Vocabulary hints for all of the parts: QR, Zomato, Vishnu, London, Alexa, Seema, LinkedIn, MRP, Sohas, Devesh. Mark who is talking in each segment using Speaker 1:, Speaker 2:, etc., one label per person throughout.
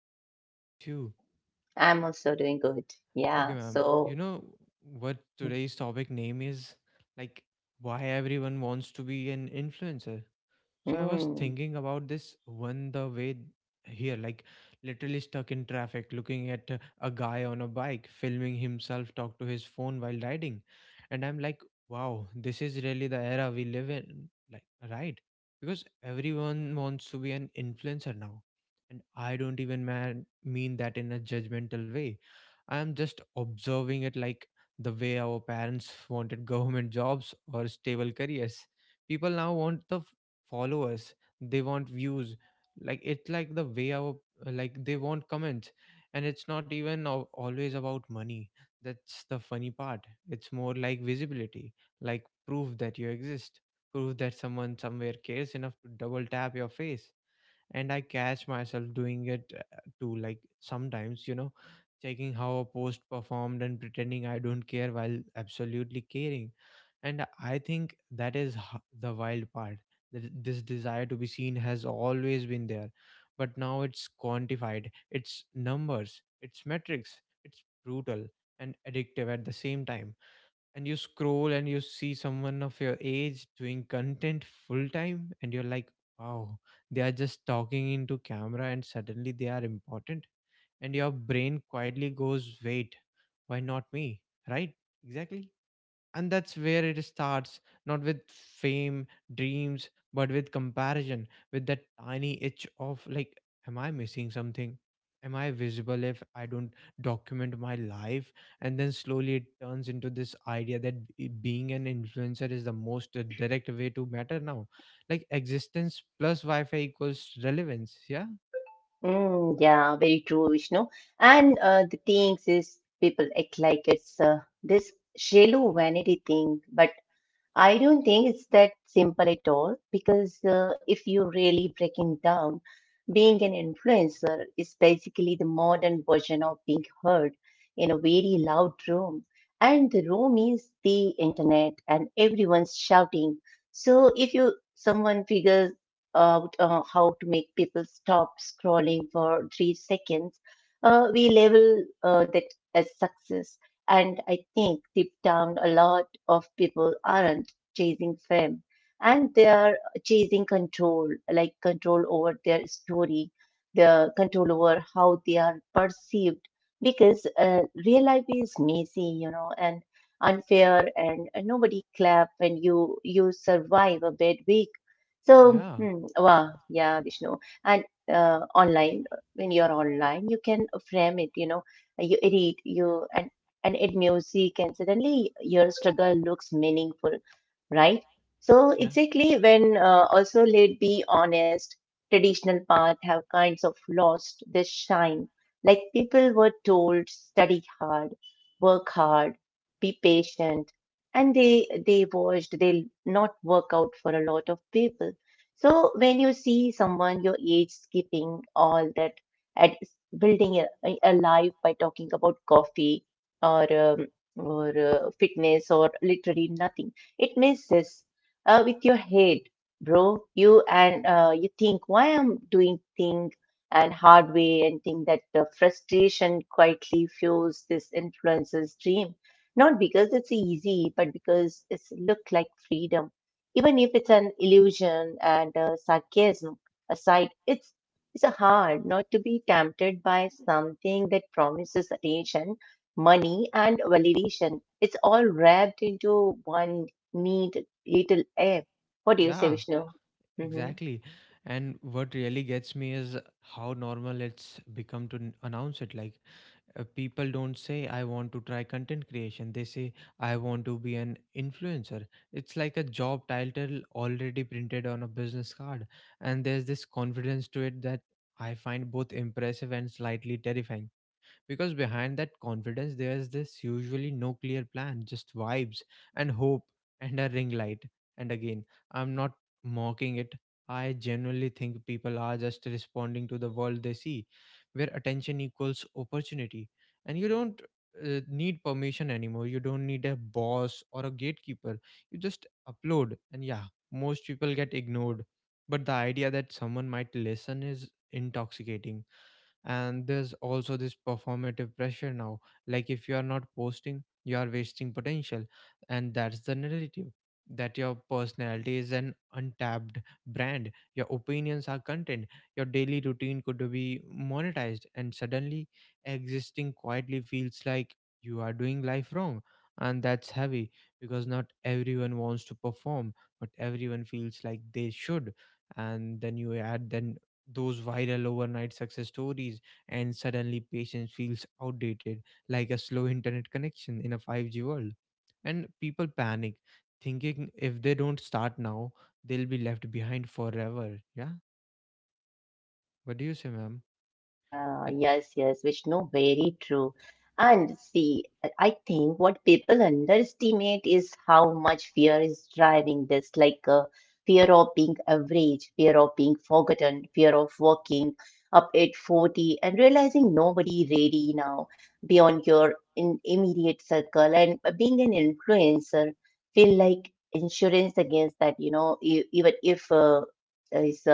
Speaker 1: ma'am. What about you?
Speaker 2: I'm also doing good.
Speaker 1: Okay,
Speaker 2: Yeah,
Speaker 1: ma'am. You
Speaker 2: so
Speaker 1: know what today's topic name is? Like, why everyone wants to be an influencer? So I was
Speaker 2: mm,
Speaker 1: thinking about this one the way here, like literally stuck in traffic, looking at a guy on a bike, filming himself talk to his phone while riding. And I'm like, wow, this is really the era we live in, like, right? Because everyone wants to be an influencer now. And I don't even mean that in a judgmental way. I am just observing it, like the way our parents wanted government jobs or stable careers. People now want the followers, they want views, like it's like the way our, like they want comments. And it's not even always about money. That's the funny part. It's more like visibility, like proof that you exist, proof that someone somewhere cares enough to double tap your face. And I catch myself doing it too, like sometimes, you know, checking how a post performed and pretending I don't care while absolutely caring. And I think that is the wild part. This desire to be seen has always been there, but now it's quantified. It's numbers, it's metrics, it's brutal and addictive at the same time. And you scroll and you see someone of your age doing content full time and you're like, wow, they are just talking into camera and suddenly they are important. And your brain quietly goes, wait, why not me? Right? Exactly. And that's where it starts, not with fame dreams, but with comparison, with that tiny itch of like, am I missing something? Am I visible if I don't document my life? And then slowly it turns into this idea that being an influencer is the most direct way to matter now, like existence plus wi-fi equals relevance. Yeah.
Speaker 2: yeah, very true, Vishnu. And the things is people act like it's this shallow vanity thing, but I don't think it's that simple at all because if you really break it down, being an influencer is basically the modern version of being heard in a very loud room. And the room is the internet, and everyone's shouting. So if you someone figures out how to make people stop scrolling for 3 seconds, we label that as success. And I think deep down, a lot of people aren't chasing fame, and they are chasing control, like control over their story, the control over how they are perceived, because real life is messy, you know, and unfair, and nobody clap when you survive a bad week. So,
Speaker 1: yeah
Speaker 2: wow, yeah, Vishnu. And online, when you're online, you can frame it, you know, you read, you and add music, and suddenly your struggle looks meaningful, right? So
Speaker 1: yeah
Speaker 2: exactly when also let be honest, traditional path have kinds of lost this shine. Like people were told, study hard, work hard, be patient, and they watched they not work out for a lot of people. So when you see someone your age skipping all that at building a life by talking about coffee or fitness or literally nothing, it messes with your head, bro. You think why I'm doing thing and hard way, and think that the frustration quietly fuels this influencer's dream. Not because it's easy, but because it's look like freedom. Even if it's an illusion, and sarcasm aside, it's a hard not to be tempted by something that promises attention, money, and validation. It's all wrapped into one need little air. What do you say,
Speaker 1: yeah
Speaker 2: Vishnu? hmm
Speaker 1: Exactly. And what really gets me is how normal it's become to announce it. Like, people don't say, I want to try content creation. They say, I want to be an influencer. It's like a job title already printed on a business card. And there's this confidence to it that I find both impressive and slightly terrifying, because behind that confidence there's this usually no clear plan, just vibes and hope and a ring light. And again, I'm not mocking it. I genuinely think people are just responding to the world they see, where attention equals opportunity. And you don't need permission anymore, you don't need a boss or a gatekeeper. You just upload, and yeah, most people get ignored, but the idea that someone might listen is intoxicating. And there's also this performative pressure now, like if you are not posting, you are wasting potential. And that's the narrative, that your personality is an untapped brand, your opinions are content, your daily routine could be monetized. And suddenly existing quietly feels like you are doing life wrong. And that's heavy, because not everyone wants to perform, but everyone feels like they should. And then you add then those viral overnight success stories, and suddenly patience feels outdated, like a slow internet connection in a 5G world. And people panic, thinking if they don't start now, they'll be left behind forever. Yeah. What do you say, ma'am?
Speaker 2: Yeah,
Speaker 1: Like,
Speaker 2: yes, yes, Vishnu, very true. And see, I think what people underestimate is how much fear is driving this, like fear of being average, fear of being forgotten, fear of working up at 40 and realizing nobody really now beyond your in immediate circle, and being an influencer feel like insurance against that, you know, e- even if is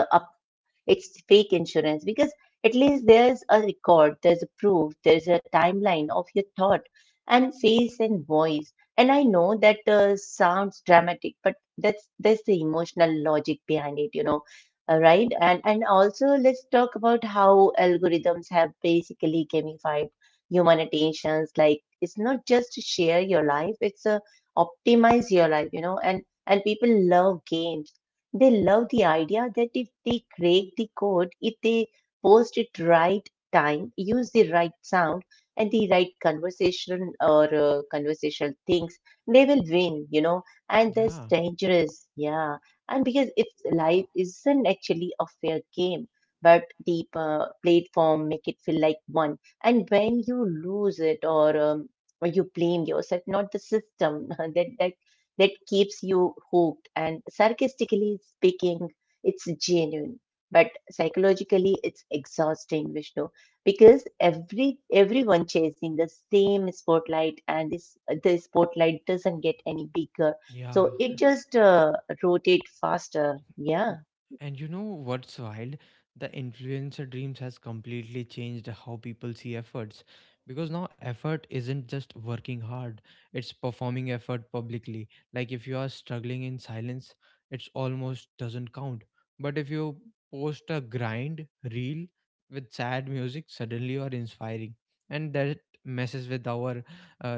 Speaker 2: it's fake insurance because at least there's a record, there's a proof, there's a timeline of your thought and face and voice. And I know that sounds dramatic, but that's the emotional logic behind it, you know. Right? And also let's talk about how algorithms have basically gamified human attentions. Like it's not just to share your life; it's a optimize your life, you know. And people love games, they love the idea that if they crack the code, if they post it right time, use the right sound and the right conversation or conversational things, they will win, you know, and that's
Speaker 1: yeah,
Speaker 2: dangerous. Yeah. And because if life isn't actually a fair game, but the platform make it feel like one. And when you lose it or you blame yourself, not the system. That keeps you hooked. And sarcastically speaking, it's genuine, but psychologically, it's exhausting, Vishnu, because everyone chasing the same spotlight, and this the spotlight doesn't get any bigger,
Speaker 1: yeah.
Speaker 2: so it just rotate faster. Yeah.
Speaker 1: And you know what's wild? The influencer dreams has completely changed how people see efforts, because now effort isn't just working hard, it's performing effort publicly. Like if you are struggling in silence, it's almost doesn't count. But if you post a grind reel with sad music, suddenly you are inspiring. And that messes with our uh,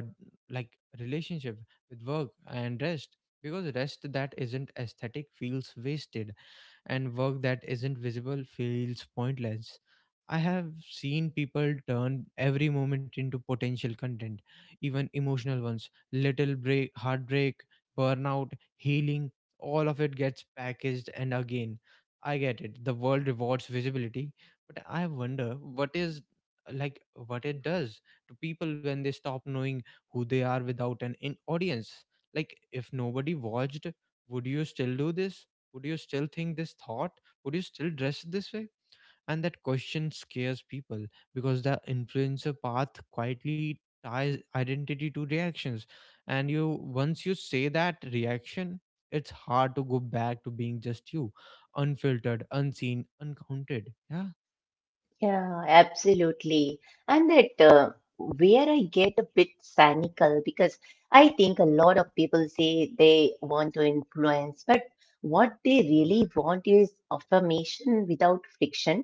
Speaker 1: like relationship with work and rest, because rest that isn't aesthetic feels wasted and work that isn't visible feels pointless. I have seen people turn every moment into potential content, even emotional ones. Little break, heartbreak, burnout, healing, all of it gets packaged. And again, I get it. The world rewards visibility, but I wonder what is, like what it does to people when they stop knowing who they are without an in audience. Like if nobody watched, would you still do this? Would you still think this thought? Would you still dress this way? And that question scares people, because the influencer path quietly ties identity to reactions. And you, once you say that reaction, it's hard to go back to being just you, unfiltered, unseen, uncounted. Yeah.
Speaker 2: Yeah, absolutely. And that where I get a bit cynical because I think a lot of people say they want to influence, but what they really want is affirmation without friction,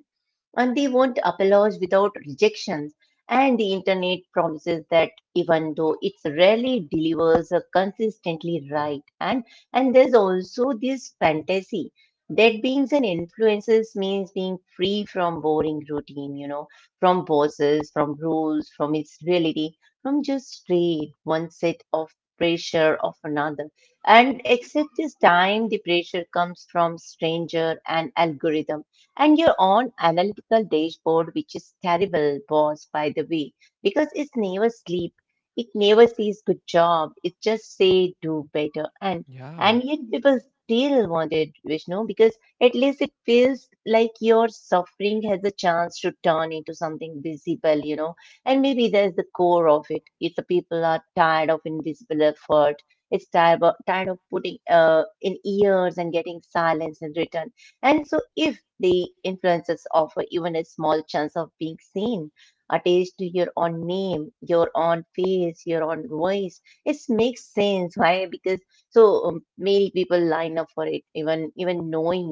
Speaker 2: and they want applause without rejections. And the internet promises that even though it rarely delivers a consistently right. And there's also this fantasy that being an influencer means being free from boring routine, you know, from bosses, from rules, from its reality, from just straight one set of pressure of another. And except this time the pressure comes from stranger and algorithm and your own analytical dashboard, which is terrible, boss, by the way, because it's never sleep. It never says good job. It just say do better. And
Speaker 1: Yeah.
Speaker 2: and yet people still want it, Vishnu, because at least it feels like your suffering has a chance to turn into something visible, you know. And maybe there's the core of it. It's the people are tired of invisible effort. It's tired of putting in years and getting silence in return. And so, if the influences offer even a small chance of being seen, attached to your own name, your own face, your own voice. It makes sense. Why? Because so many people line up for it, even knowing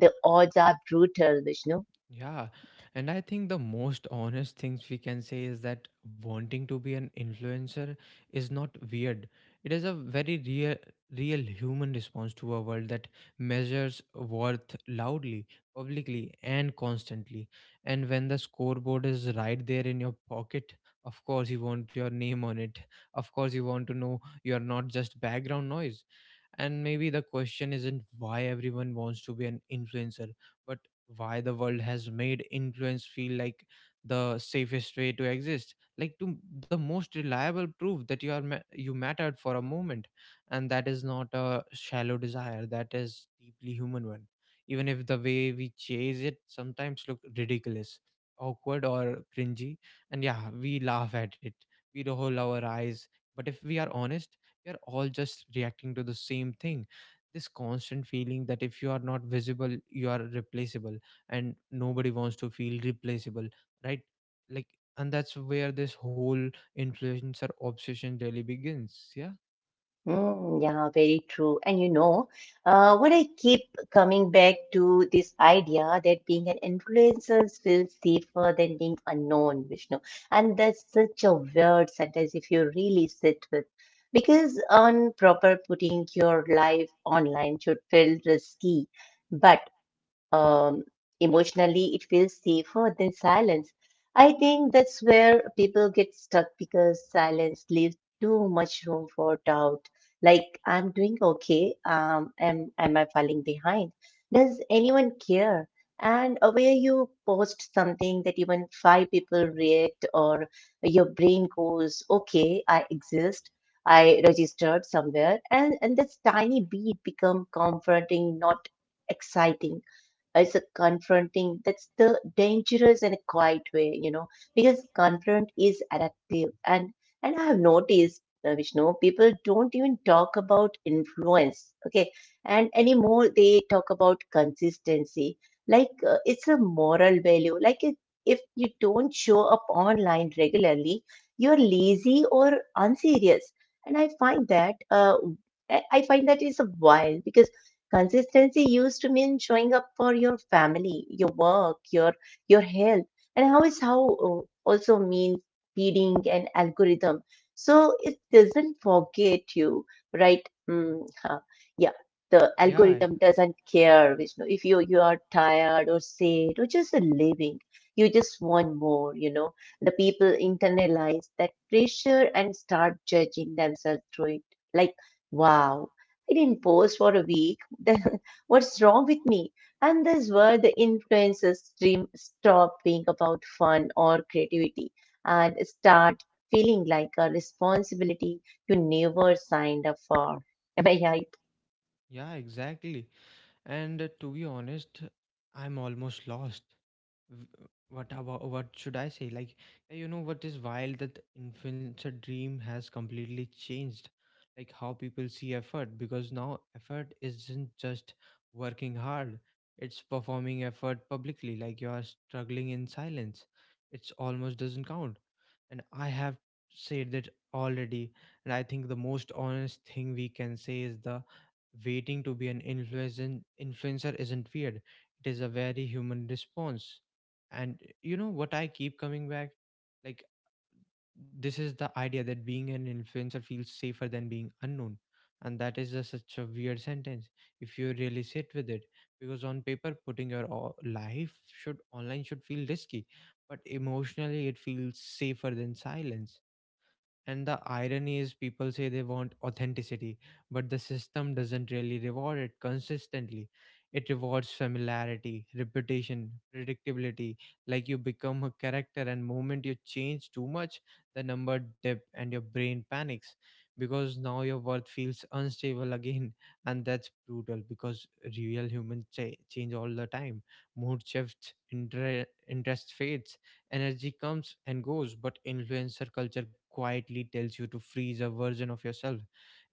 Speaker 2: the odds are brutal, Vishnu.
Speaker 1: Yeah, and I think the most honest things we can say is that wanting to be an influencer is not weird. It is a very real human response to a world that measures worth loudly, publicly, and constantly. And when the scoreboard is right there in your pocket, of course you want your name on it. Of course you want to know you are not just background noise. And maybe the question isn't why everyone wants to be an influencer, but why the world has made influence feel like the safest way to exist, like to the most reliable proof that you are you mattered for a moment. And that is not a shallow desire, that is deeply human one. Even if the way we chase it sometimes look ridiculous, awkward, or cringy, and yeah, we laugh at it, we roll our eyes, but if we are honest, we are all just reacting to the same thing, this constant feeling that if you are not visible you are replaceable. And nobody wants to feel replaceable, right? Like, and that's where this whole influencer obsession really begins. Yeah.
Speaker 2: Yeah, very true. And you know, what I keep coming back to this idea that being an influencer feels safer than being unknown, Vishnu. And that's such a weird sentence if you really sit with. Because on proper putting your life online should feel risky. But um, emotionally, it feels safer than silence. I think that's where people get stuck because silence leaves too much room for doubt. Like, I'm doing okay. Am I falling behind? Does anyone care? And where you post something that even five people react, or your brain goes, okay, I exist. I registered somewhere, and this tiny beat become comforting, not exciting, it's a confronting, that's the dangerous and a quiet way, you know, because confront is addictive, and I have noticed, Vishnu, people don't even talk about influence, okay, and anymore they talk about consistency, like it's a moral value, like if you don't show up online regularly, you're lazy or unserious. And I find that I find that is a while because. Consistency used to mean showing up for your family, your work, your health, and how is how uh, also means feeding an algorithm. So it doesn't forget you, right? Mm, huh. Yeah, the
Speaker 1: yeah
Speaker 2: algorithm doesn't care, Vishnu. If you are tired or sad or just living, you just want more. You know, the people internalize that pressure and start judging themselves through it. Like. Wow, I didn't post for a week. Then what's wrong with me? And that's where the influencers dream stop being about fun or creativity and start feeling like a responsibility you never signed up for. Am I right?
Speaker 1: yeah exactly. And to be honest, I'm almost lost. W- What about, what should I say? Like, you know, what is wild that influencer dream has completely changed, like how people see effort. Because now effort isn't just working hard, it's performing effort publicly. Like you are struggling in silence. It's almost doesn't count. And I have said that already. And I think the most honest thing we can say is the waiting to be an influencer isn't weird. It is a very human response. And you know what I keep coming back? Like, this is the idea that being an influencer feels safer than being unknown. And that is just such a weird sentence if you really sit with it. Because on paper, putting your life should online should feel risky, but emotionally it feels safer than silence. And the irony is, people say they want authenticity, but the system doesn't really reward it consistently. It rewards familiarity, reputation, predictability. Like you become a character, and moment you change too much, the number dip and your brain panics, because now your worth feels unstable again. And that's brutal, because real humans change all the time. Mood shifts, interest fades, energy comes and goes, but influencer culture quietly tells you to freeze a version of yourself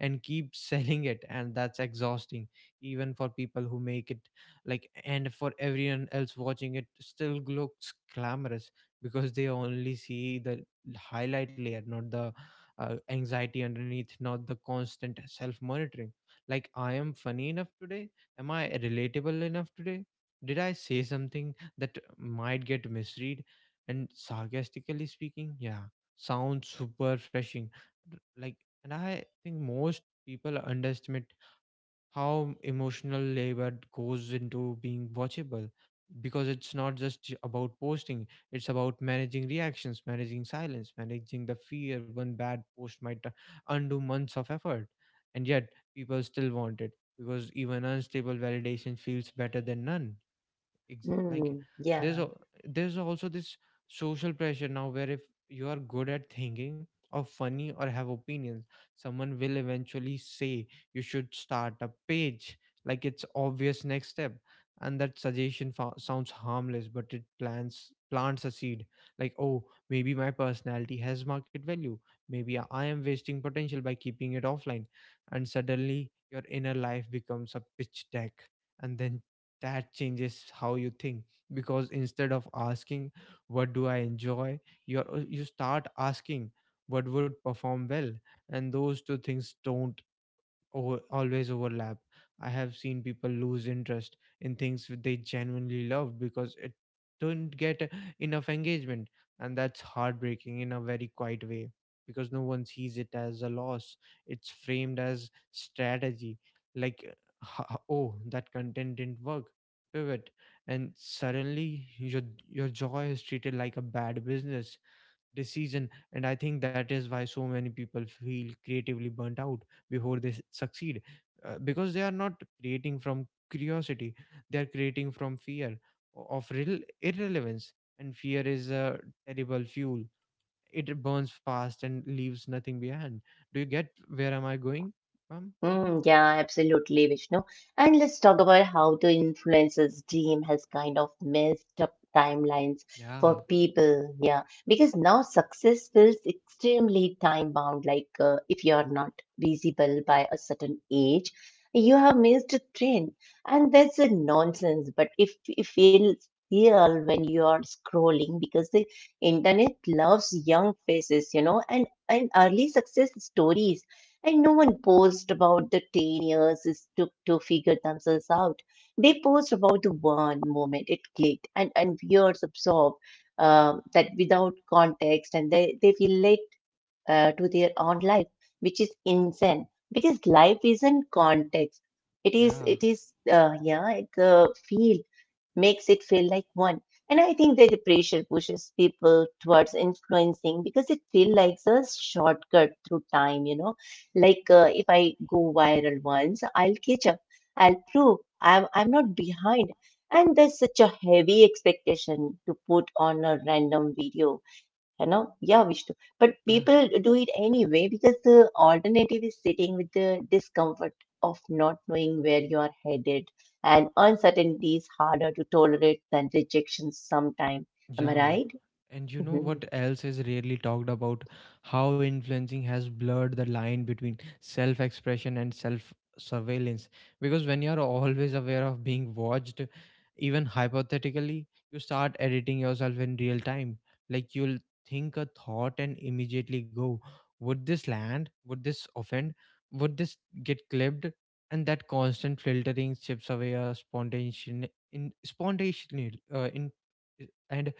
Speaker 1: and keep selling it. And that's exhausting, even for people who make it. Like, and for everyone else watching, it still looks glamorous because they only see the highlight layer, not the anxiety underneath, not the constant self monitoring. Like, I am funny enough today? Am I relatable enough today? Did I say something that might get misread? And sarcastically speaking, yeah, sounds super refreshing. Like, and I think most people underestimate how emotional labor goes into being watchable, because it's not just about posting, it's about managing reactions, managing silence, managing the fear one bad post might undo months of effort. And yet people still want it, because even unstable validation feels better than none. Like, there's
Speaker 2: Yeah.
Speaker 1: a, there's also this social pressure now where if you are good at thinking or funny or have opinions, someone will eventually say you should start a page, like it's obvious next step. And that suggestion sounds harmless, but it plants a seed, like, oh, maybe my personality has market value, maybe I am wasting potential by keeping it offline. And suddenly your inner life becomes a pitch deck. And then that changes how you think, because instead of asking what do I enjoy, you you start asking what would perform well, and those two things don't always overlap. I have seen people lose interest in things that they genuinely love because it don't get enough engagement, and that's heartbreaking in a very quiet way, because no one sees it as a loss. It's framed as strategy, like uh, oh, that content didn't work, pivot, and suddenly your joy is treated like a bad business decision. And I think that is why so many people feel creatively burnt out before they succeed, because they are not creating from curiosity, they are creating from fear of real irrelevance. And fear is a terrible fuel. It burns fast and leaves nothing behind. Do you get where am I going from?
Speaker 2: Yeah, absolutely, Vishnu. And let's talk about how the influencers dream has kind of messed up timelines
Speaker 1: yeah
Speaker 2: for people. Yeah, because now success feels extremely time bound. Like if you are not visible by a certain age, you have missed a train, and that's a nonsense. But if it feels real when you are scrolling, because the internet loves young faces, you know, and early success stories. And no one posed about the 10 years it took to figure themselves out. They posed about the one moment it clicked, and viewers absorb that without context, and they relate to their own life, which is insane because life isn't context.
Speaker 1: yeah
Speaker 2: It is, yeah, it's a field makes it feel like one. And I think that the pressure pushes people towards influencing because it feels like a shortcut through time, you know. Like if I go viral once, I'll catch up. I'll prove I'm not behind. And there's such a heavy expectation to put on a random video, you know. Yeah, Vishnu, but
Speaker 1: yeah
Speaker 2: people do it anyway because the alternative is sitting with the discomfort of not knowing where you are headed, and uncertainty is harder to tolerate than rejection sometimes. Am I
Speaker 1: Yeah.
Speaker 2: right?
Speaker 1: And you know what else is rarely talked about? How influencing has blurred the line between self expression and self surveillance. Because when you're always aware of being watched, even hypothetically, you start editing yourself in real time. Like you'll think a thought and immediately go, would this land? Would this offend? Would this get clipped? And that constant filtering chips away a spontaneous, in, spontaneous, in and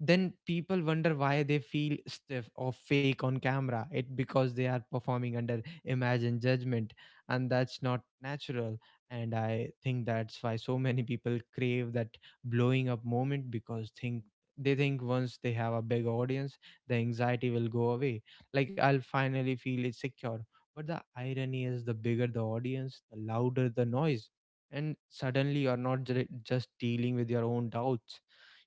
Speaker 1: then people wonder why they feel stiff or fake on camera. It because they are performing under imagined judgment, and that's not natural. And I think that's why so many people crave that blowing up moment, because think they think once they have a big audience the anxiety will go away. Like I'll finally feel it secure. But the irony is, the bigger the audience, the louder the noise, and suddenly you're not just dealing with your own doubts,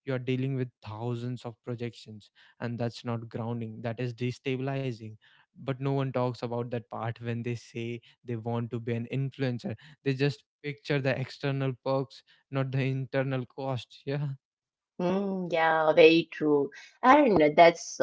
Speaker 1: you are dealing with thousands of projections, and that's not grounding, that is destabilizing. But no one talks about that part when they say they want to be an influencer. They just picture the external perks, not the internal cost, yeah
Speaker 2: Mm-hmm. Yeah, very true. And that's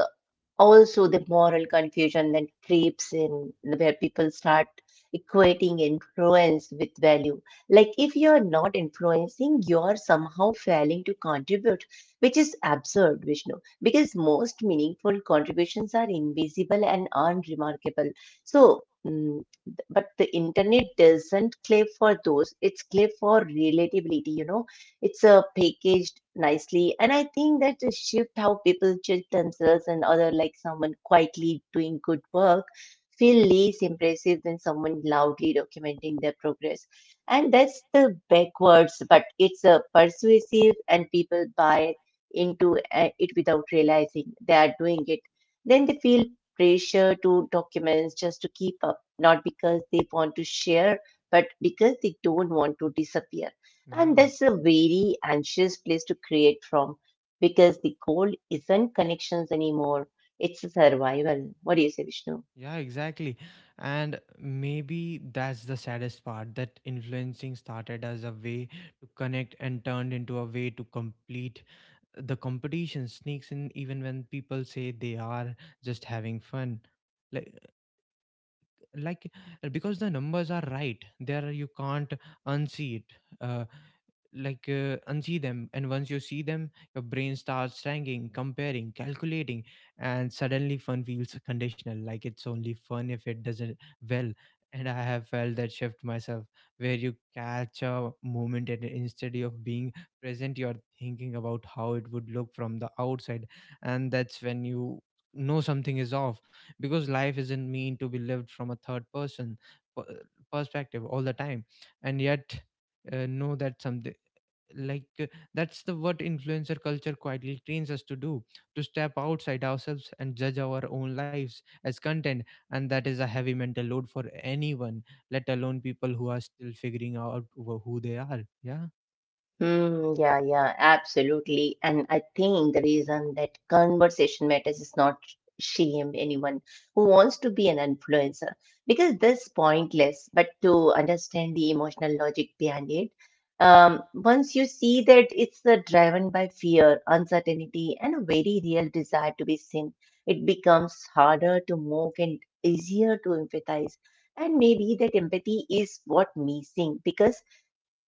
Speaker 2: also the moral confusion that creeps in where people start equating influence with value, like if you're not influencing you're somehow failing to contribute, which is absurd, Vishnu, because most meaningful contributions are invisible and unremarkable. So, mm, but the internet doesn't claim for those, it's claim for relatability, you know, it's packaged nicely, and I think that the shift how people judge themselves and other, like someone quietly doing good work feel less impressive than someone loudly documenting their progress. And that's the backwards, but it's a persuasive, and people buy into it without realizing they are doing it. Then they feel pressure to documents just to keep up, not because they want to share, but because they don't want to disappear. And
Speaker 1: yeah
Speaker 2: that's a very anxious place to create from because the goal isn't connections anymore, it's a survival. What do you say, Vishnu?
Speaker 1: yeah, exactly. And maybe that's the saddest part, that influencing started as a way to connect and turned into a way to complete. The competition sneaks in even when people say they are just having fun. like like because the numbers are right there, you can't unsee it. Unsee them. And once you see them, your brain starts tanking, comparing, calculating, and suddenly fun feels conditional. Like it's only fun if it doesn't, well. And I have felt that shift myself, where you catch a moment and instead of being present you're thinking about how it would look from the outside. And that's when you know something is off, because life isn't mean to be lived from a third person per- perspective all the time. And yet, know that some, like uh, that's the what influencer culture quietly trains us to do, to step outside ourselves and judge our own lives as content. And that is a heavy mental load for anyone, let alone people who are still figuring out who they are, yeah.
Speaker 2: Yeah, yeah, absolutely. And I think the reason that conversation matters is not shame anyone who wants to be an influencer because this pointless, but to understand the emotional logic behind it. Once you see that it's driven by fear, uncertainty, and a very real desire to be seen, it becomes harder to mock and easier to empathize. And maybe that empathy is what missing because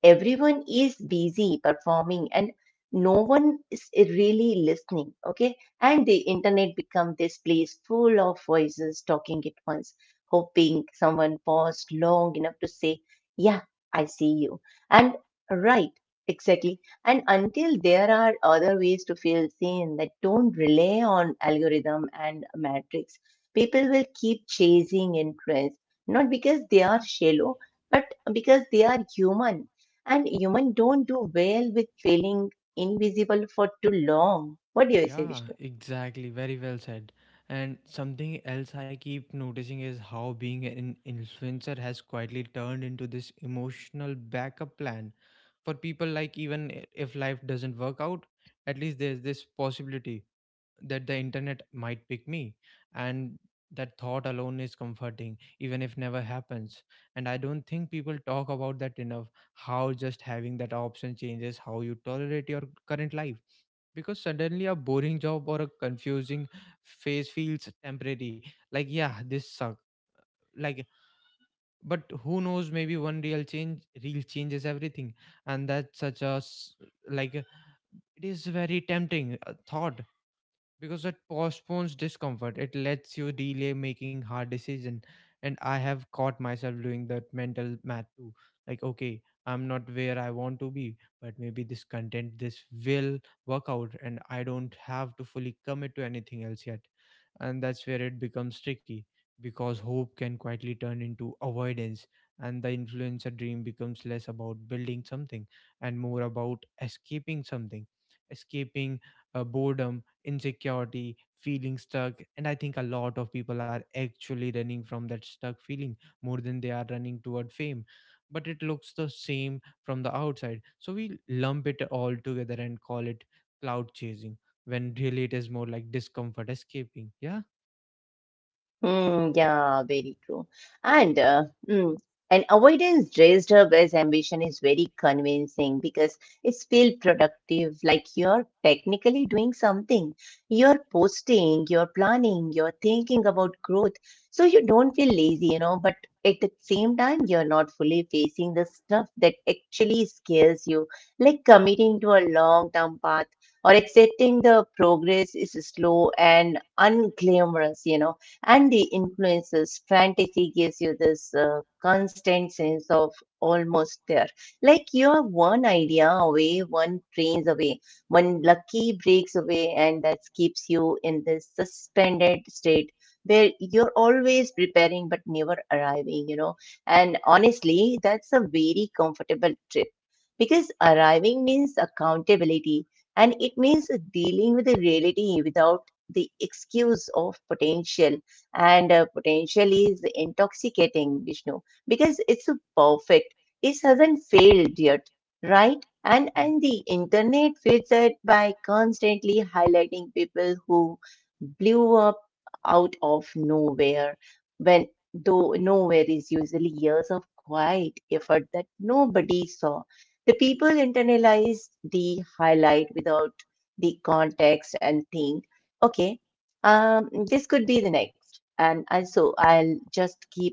Speaker 2: everyone is busy performing and no one is really listening, okay. And the internet become this place full of voices talking at once hoping someone paused long enough to say, yeah, I see you. And right, exactly. And until there are other ways to feel seen that don't rely on algorithm and matrix, people will keep chasing interests, not because they are shallow, but because they are human. And humans don't do well with feeling invisible for too long. What do you say,
Speaker 1: Yeah,
Speaker 2: Vishnu?
Speaker 1: exactly. Very well said. And something else I keep noticing is how being an influencer has quietly turned into this emotional backup plan for people. Like even if life doesn't work out, at least there's this possibility that the internet might pick me. And that thought alone is comforting, even if never happens. And I don't think people talk about that enough, how just having that option changes how you tolerate your current life. Because suddenly a boring job or a confusing phase feels temporary. Like, yeah, this suck, like, but who knows, maybe one real change real changes everything. And that's such a s- like it is very tempting, thought, because it postpones discomfort, it lets you delay making hard decision. And I have caught myself doing that mental math too. Like, okay, I'm not where I want to be, but maybe this content, this will work out, and I don't have to fully commit to anything else yet. And that's where it becomes tricky, because hope can quietly turn into avoidance. And the influencer dream becomes less about building something and more about escaping something. Escaping boredom, insecurity, feeling stuck. And I think a lot of people are actually running from that stuck feeling more than they are running toward fame. But it looks the same from the outside. So we lump it all together and call it cloud chasing, when really it is more like discomfort escaping. Yeah.
Speaker 2: Mm, yeah, very true. And and avoidance dressed up as ambition is very convincing because it's feel productive, like you're technically doing something. You're posting, you're planning, you're thinking about growth. So you don't feel lazy, but at the same time, you're not fully facing the stuff that actually scares you, like committing to a long-term path or accepting the progress is slow and unglamorous, And the influences fantasy gives you this constant sense of almost there, like you're one idea away, one trains away, one lucky breaks away, and that keeps you in this suspended state where you're always preparing but never arriving. And honestly that's a very comfortable trip because arriving means accountability, and it means dealing with the reality without the excuse of potential. And potential is intoxicating, Vishnu, because it's perfect. It hasn't failed yet, right? And the internet feeds it by constantly highlighting people who blew up out of nowhere, when though nowhere is usually years of quiet effort that nobody saw. The people internalize the highlight without the context and think, okay. This could be the next. And so I'll just keep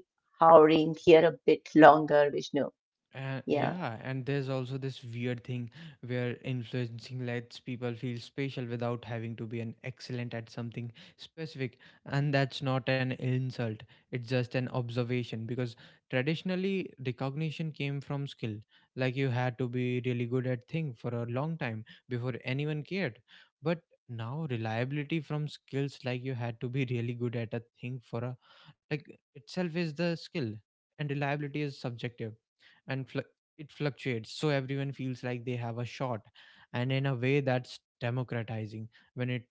Speaker 2: powering here a bit longer, Vishnu.
Speaker 1: And
Speaker 2: Yeah.
Speaker 1: yeah, and there's also this weird thing where influencing lets people feel special without having to be an excellent at something specific. And that's not an insult, it's just an observation, because traditionally recognition came from skill. Like you had to be really good at thing for a long time before anyone cared. But now reliability from skills, like you had to be really good at a thing for a, like, itself is the skill. And reliability is subjective, and it fluctuates, so everyone feels like they have a shot, and in a way that's democratizing, when it,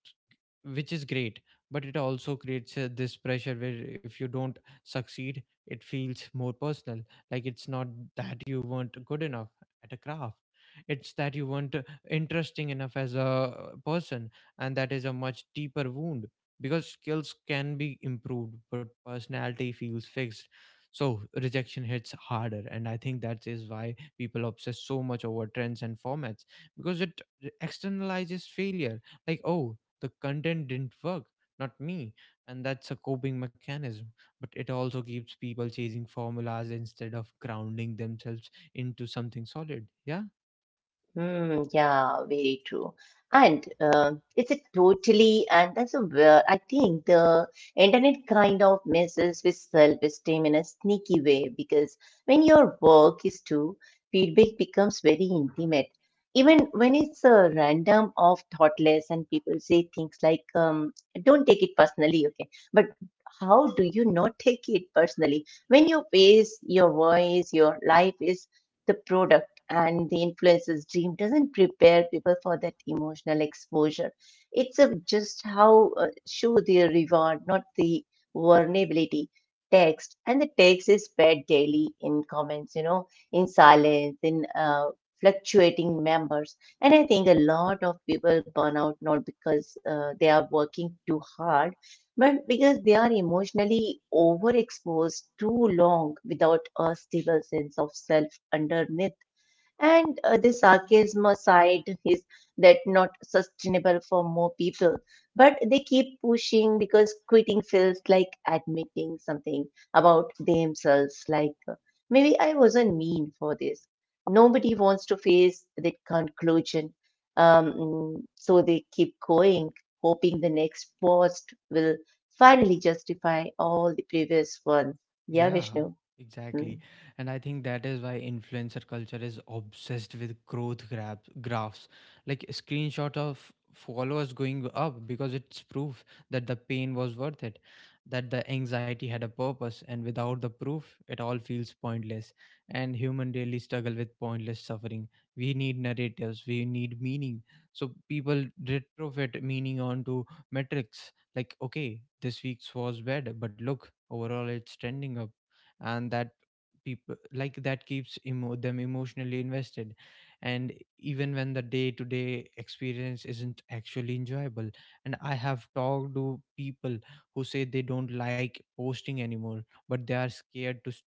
Speaker 1: which is great. But it also creates, this pressure where if you don't succeed, it feels more personal. Like it's not that you weren't good enough at a craft, it's that you weren't, interesting enough as a person. And that is a much deeper wound, because skills can be improved but personality feels fixed, so rejection hits harder. And I think that is why people obsess so much over trends and formats, because it externalizes failure. Like, oh, the content didn't work, not me. And that's a coping mechanism. But it also keeps people chasing formulas instead of grounding themselves into something solid. Yeah.
Speaker 2: Hmm. Yeah, very true. And it's a totally, and that's a where I think the internet kind of messes with self-esteem in a sneaky way because when your work is too, feedback becomes very intimate. Even when it's a random of thoughtless and people say things like, don't take it personally, okay? But how do you not take it personally? When your face, your voice, your life is the product and the influencer's dream doesn't prepare people for that emotional exposure. It's a, just how show the reward, not the vulnerability. Text and the text is spread daily in comments, in silence, in fluctuating members. And I think a lot of people burn out not because they are working too hard, but because they are emotionally overexposed too long without a stable sense of self underneath. And the sarcasm side is that not sustainable for more people, but they keep pushing because quitting feels like admitting something about themselves. Like maybe I wasn't mean for this. Nobody wants to face that conclusion. So they keep going, hoping the next post will finally justify all the previous one. Yeah,
Speaker 1: Yeah,
Speaker 2: Vishnu. Hmm.
Speaker 1: exactly. And I think that is why influencer culture is obsessed with growth grab graphs, like a screenshot of followers going up, because it's proof that the pain was worth it, that the anxiety had a purpose. And without the proof, it all feels pointless. And human really struggle with pointless suffering. We need narratives, we need meaning. So people retrofit meaning onto metrics. Like, okay, this week's was bad, but look, overall it's trending up. And that people like that keeps them emotionally invested, and even when the day to day experience isn't actually enjoyable. And I have talked to people who say they don't like posting anymore, but they are scared to s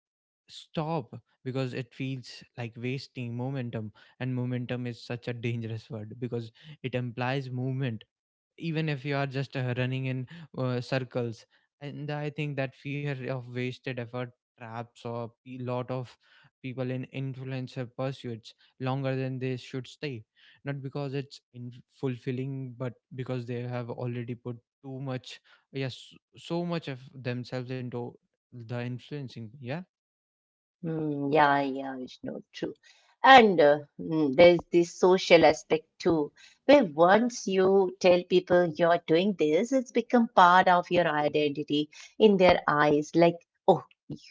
Speaker 1: stop, because it feels like wasting momentum. And momentum is such a dangerous word, because it implies movement even if you are just running in circles. And I think that fear of wasted effort traps a lot of people in influencer pursuits longer than they should stay, not because it's in fulfilling but because they have already put too much, yes, so much of themselves into the influencing, yeah.
Speaker 2: Mm, yeah, yeah, Vishnu, true. And there's this social aspect too, where once you tell people you're doing this, it's become part of your identity in their eyes. Like, oh,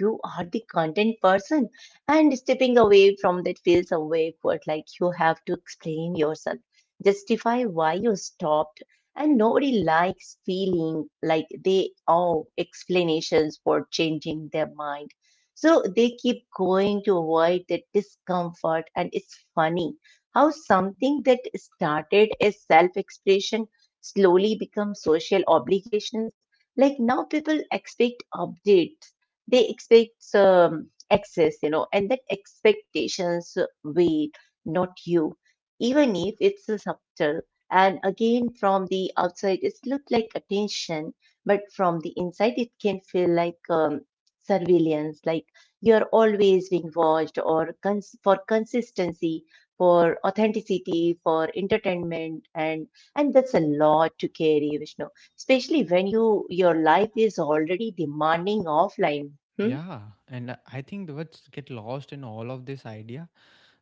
Speaker 2: you are the content person. And stepping away from that feels awkward, like you have to explain yourself, justify why you stopped. And nobody likes feeling like they owe explanations for changing their mind, so they keep going to avoid that discomfort. And it's funny how something that started as self expression slowly becomes social obligations. Like now people expect updates, they expect access, and that expectations wait, not you. Even if it's a subtle. And again, from the outside, it looks like attention, but from the inside, it can feel like surveillance, like you're always being watched or for consistency, for authenticity, for entertainment. And that's a lot to carry, Vishnu, especially when your life is already demanding offline. Hmm?
Speaker 1: Yeah, and I think what's get lost in all of this idea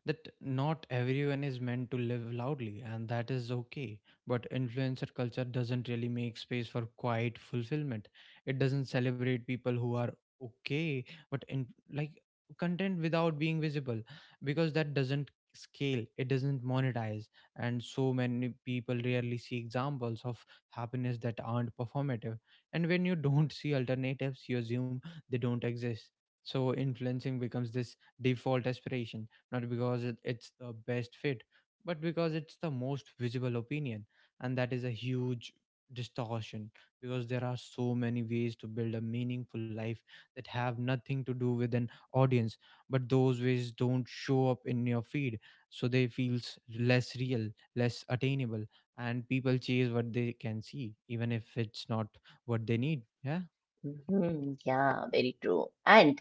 Speaker 1: that not everyone is meant to live loudly, and that is okay. But influencer culture doesn't really make space for quiet fulfillment. It doesn't celebrate people who are okay, but in, like, content without being visible, because that doesn't scale. It doesn't monetize, and so many people rarely see examples of happiness that aren't performative. And when you don't see alternatives, you assume they don't exist. So influencing becomes this default aspiration, not because it's the best fit, but because it's the most visible opinion. And that is a huge distortion, because there are so many ways to build a meaningful life that have nothing to do with an audience, but those ways don't show up in your feed. So they feels less real, less attainable, and people chase what they can see, even if it's not what they need. Yeah.
Speaker 2: Mhm. Yeah, very true. And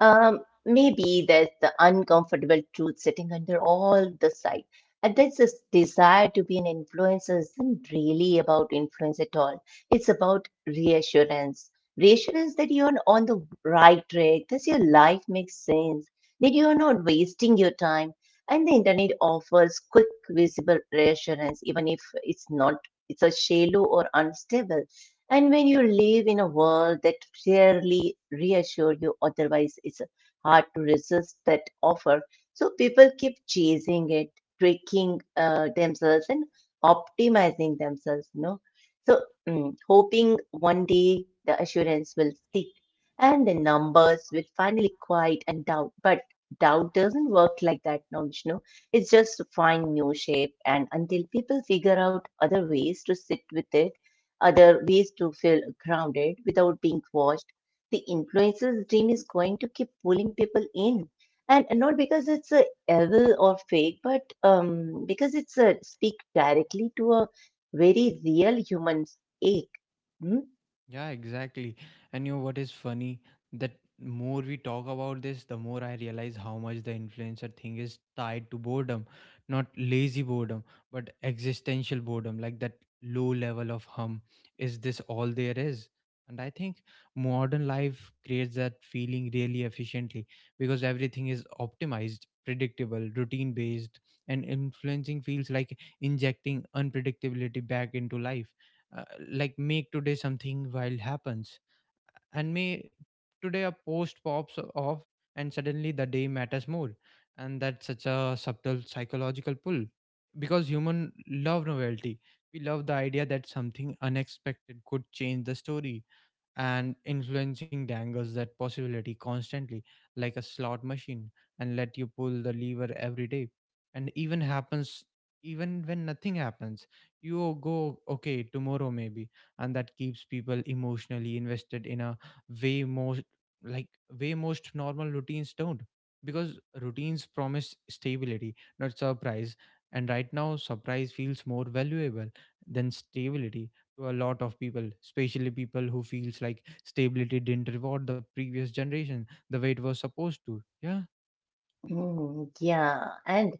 Speaker 2: Maybe there's the uncomfortable truth sitting under all the side. And that's this desire to be an influencer isn't really about influence at all. It's about reassurance. Reassurance that you're on the right track, that your life makes sense, that you're not wasting your time. And the internet offers quick, visible reassurance, even if it's not, it's a shallow or unstable. And when you live in a world that rarely reassures you otherwise, it's hard to resist that offer. So people keep chasing it, tricking themselves and optimizing themselves, So hoping one day the assurance will stick and the numbers will finally quiet and doubt. But doubt doesn't work like that, no, Vishnu. It's just find new shape. And until people figure out other ways to sit with it, other ways to feel grounded without being watched. The influencer's dream is going to keep pulling people in, and not because it's a evil or fake, but because it's a speak directly to a very real human ache. Hmm?
Speaker 1: Yeah, exactly. And you know what is funny? That more we talk about this, the more I realize how much the influencer thing is tied to boredom. Not lazy boredom, but existential boredom, like that low level of hum. Is this all there is? And I think modern life creates that feeling really efficiently, because everything is optimized, predictable, routine based, and influencing feels like injecting unpredictability back into life. uh, like, make today something wild happens, and may today a post pops off, and suddenly the day matters more. And that's such a subtle psychological pull, because human love novelty. We love the idea that something unexpected could change the story, and influencing dangles that possibility constantly, like a slot machine, and let you pull the lever every day. And even when nothing happens, you go, okay, tomorrow maybe. And that keeps people emotionally invested in a way most like way most normal routines don't, because routines promise stability, not surprise. And right now surprise feels more valuable than stability to a lot of people, especially people who feels like stability didn't reward the previous generation the way it was supposed to. Yeah.
Speaker 2: Mm, yeah. and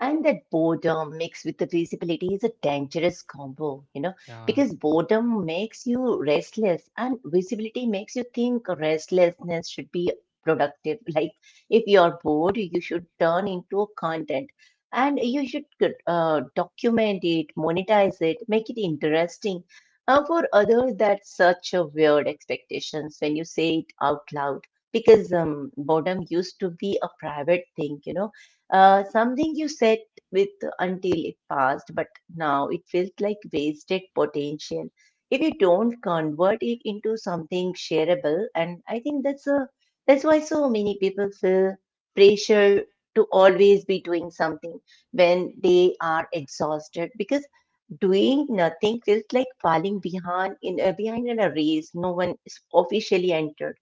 Speaker 2: and that boredom mixed with the visibility is a dangerous combo,
Speaker 1: Yeah,
Speaker 2: because boredom makes you restless and visibility makes you think restlessness should be productive. Like if you're bored, you should turn into a content and you should document it, monetize it, make it interesting. For others, that's such a weird expectations when you say it out loud because boredom used to be a private thing, something you sat with until it passed, but now it feels like wasted potential if you don't convert it into something shareable. And I think that's a that's why so many people feel pressure to always be doing something when they are exhausted because doing nothing feels like falling behind in behind in a race no one is officially entered.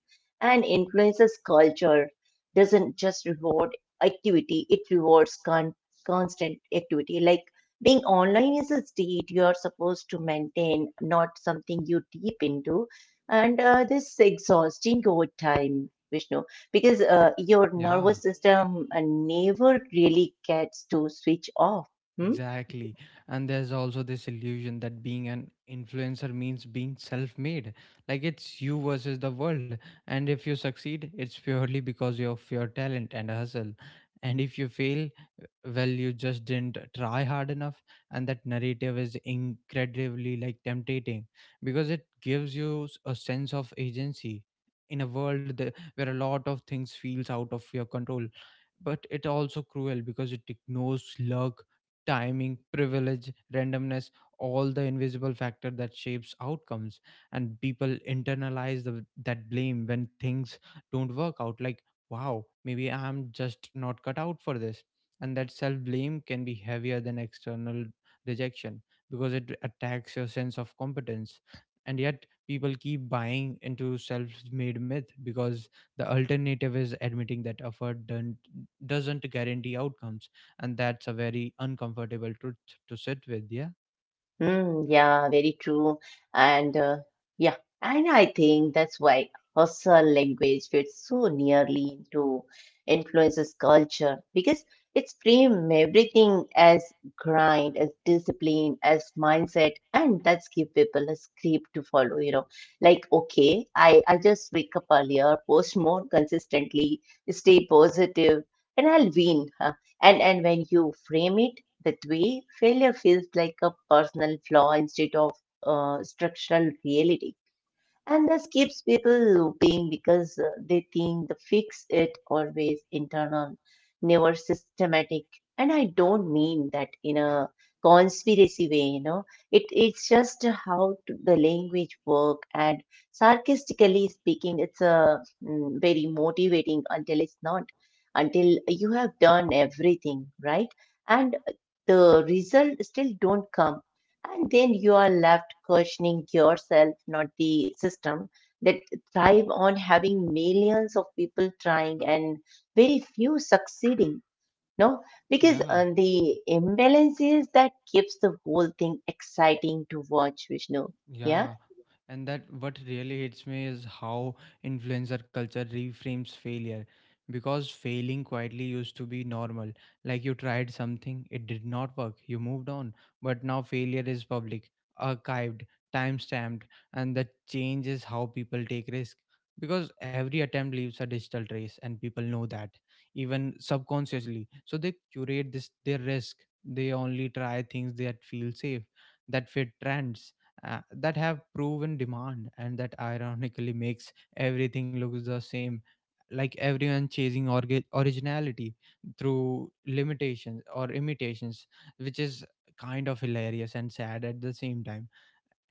Speaker 2: And influences culture doesn't just reward activity, it rewards constant activity. Like being online is a state you are supposed to maintain, not something you deep into. And this is exhausting over time, Vishnu, because your
Speaker 1: yeah.
Speaker 2: nervous system never really gets to switch off. Hmm?
Speaker 1: Exactly. And there's also this illusion that being an influencer means being self made. Like it's you versus the world. And if you succeed, it's purely because of your talent and hustle. And if you fail, well, you just didn't try hard enough. And that narrative is incredibly like tempting, because it gives you a sense of agency in a world that, where a lot of things feels out of your control. But it also cruel, because it ignores luck, timing, privilege, randomness, all the invisible factor that shapes outcomes. And people internalize that blame when things don't work out. Like, wow, maybe I'm just not cut out for this. And that self blame can be heavier than external rejection because it attacks your sense of competence. And yet, people keep buying into self made myth because the alternative is admitting that effort don't, doesn't guarantee outcomes, and that's a very uncomfortable truth to sit with. Yeah
Speaker 2: Mm, yeah, very true. And yeah, and I think that's why Hausa language fits so nearly into influences culture because it's frame everything as grind, as discipline, as mindset, and that's give people a script to follow, Like, okay, I just wake up earlier, post more consistently, stay positive, and I'll win. Huh? And when you frame it that way, failure feels like a personal flaw instead of structural reality. And this keeps people looping because they think the fix it always internal, never systematic. And I don't mean that in a conspiracy way, It's just how to- the language work and sarcastically speaking, it's a very motivating until it's not, until you have done everything, right? And the result still don't come, and then you are left questioning yourself, not the system that thrive on having millions of people trying and very few succeeding, no, because
Speaker 1: Yeah.
Speaker 2: the imbalance is that keeps the whole thing exciting to watch, Vishnu. Yeah.
Speaker 1: Yeah, and that what really hits me is how influencer culture reframes failure, because failing quietly used to be normal. Like, you tried something, it did not work, you moved on, but now failure is public, archived, time stamped, and that changes how people take risk, because every attempt leaves a digital trace and people know that, even subconsciously. So they curate this their risk. They only try things that feel safe, that fit trends, that have proven demand, and that ironically makes everything look the same, like everyone chasing originality through limitations or imitations, which is kind of hilarious and sad at the same time.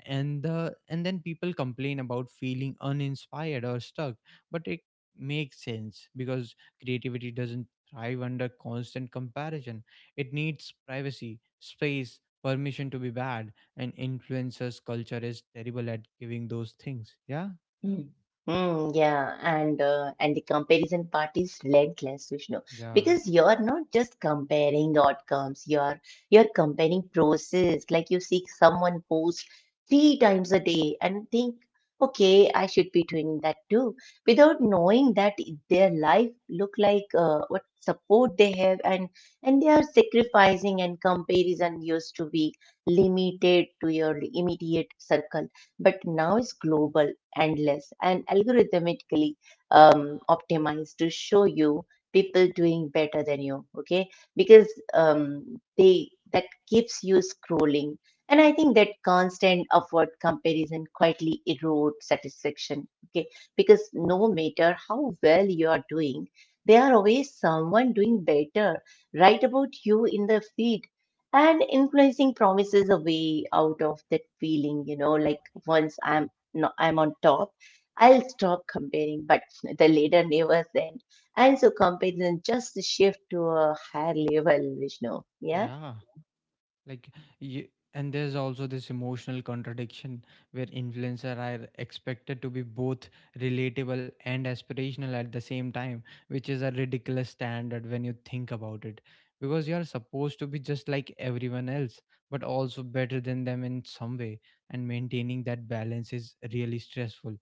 Speaker 1: And then people complain about feeling uninspired or stuck, but it makes sense, because creativity doesn't thrive under constant comparison. It needs privacy, space, permission to be bad, and influencers culture is terrible at giving those things. Yeah,
Speaker 2: Mm. Mm, yeah. And and the comparison part is relentless, Vishnu,
Speaker 1: yeah.
Speaker 2: because you're not just comparing outcomes, you're comparing process. Like you see someone post 3 times a day and think, okay, I should be doing that too, without knowing that their life look like what support they have and they are sacrificing. And comparison used to be limited to your immediate circle, but now it's global, endless, and algorithmically optimized to show you people doing better than you, okay, because they that keeps you scrolling. And I think that constant upward comparison quietly erodes satisfaction, okay, because no matter how well you are doing, there are always someone doing better right about you in the feed. And influencing promises a way out of that feeling. Like once I'm no, I'm on top, I'll stop comparing, but the leader never sent. And so comparison just shift to a higher level, Vishnu. Yeah.
Speaker 1: Yeah, like you, and there's also this emotional contradiction where influencers are expected to be both relatable and aspirational at the same time, which is a ridiculous standard when you think about it, because you're supposed to be just like everyone else but also better than them in some way. And maintaining that balance is really stressful,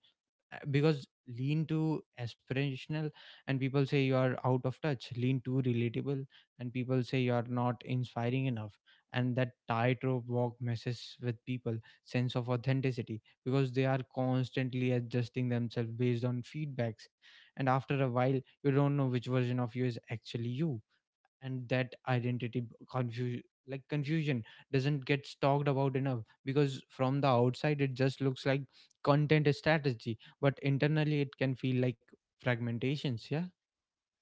Speaker 1: because lean too aspirational and people say you are out of touch, lean too relatable and people say you are not inspiring enough. And that tightrope walk messes with people sense of authenticity, because they are constantly adjusting themselves based on feedbacks, and after a while you don't know which version of you is actually you. And that identity confusion, like confusion doesn't get talked about enough, because from the outside it just looks like content strategy, but internally it can feel like fragmentations. Yeah.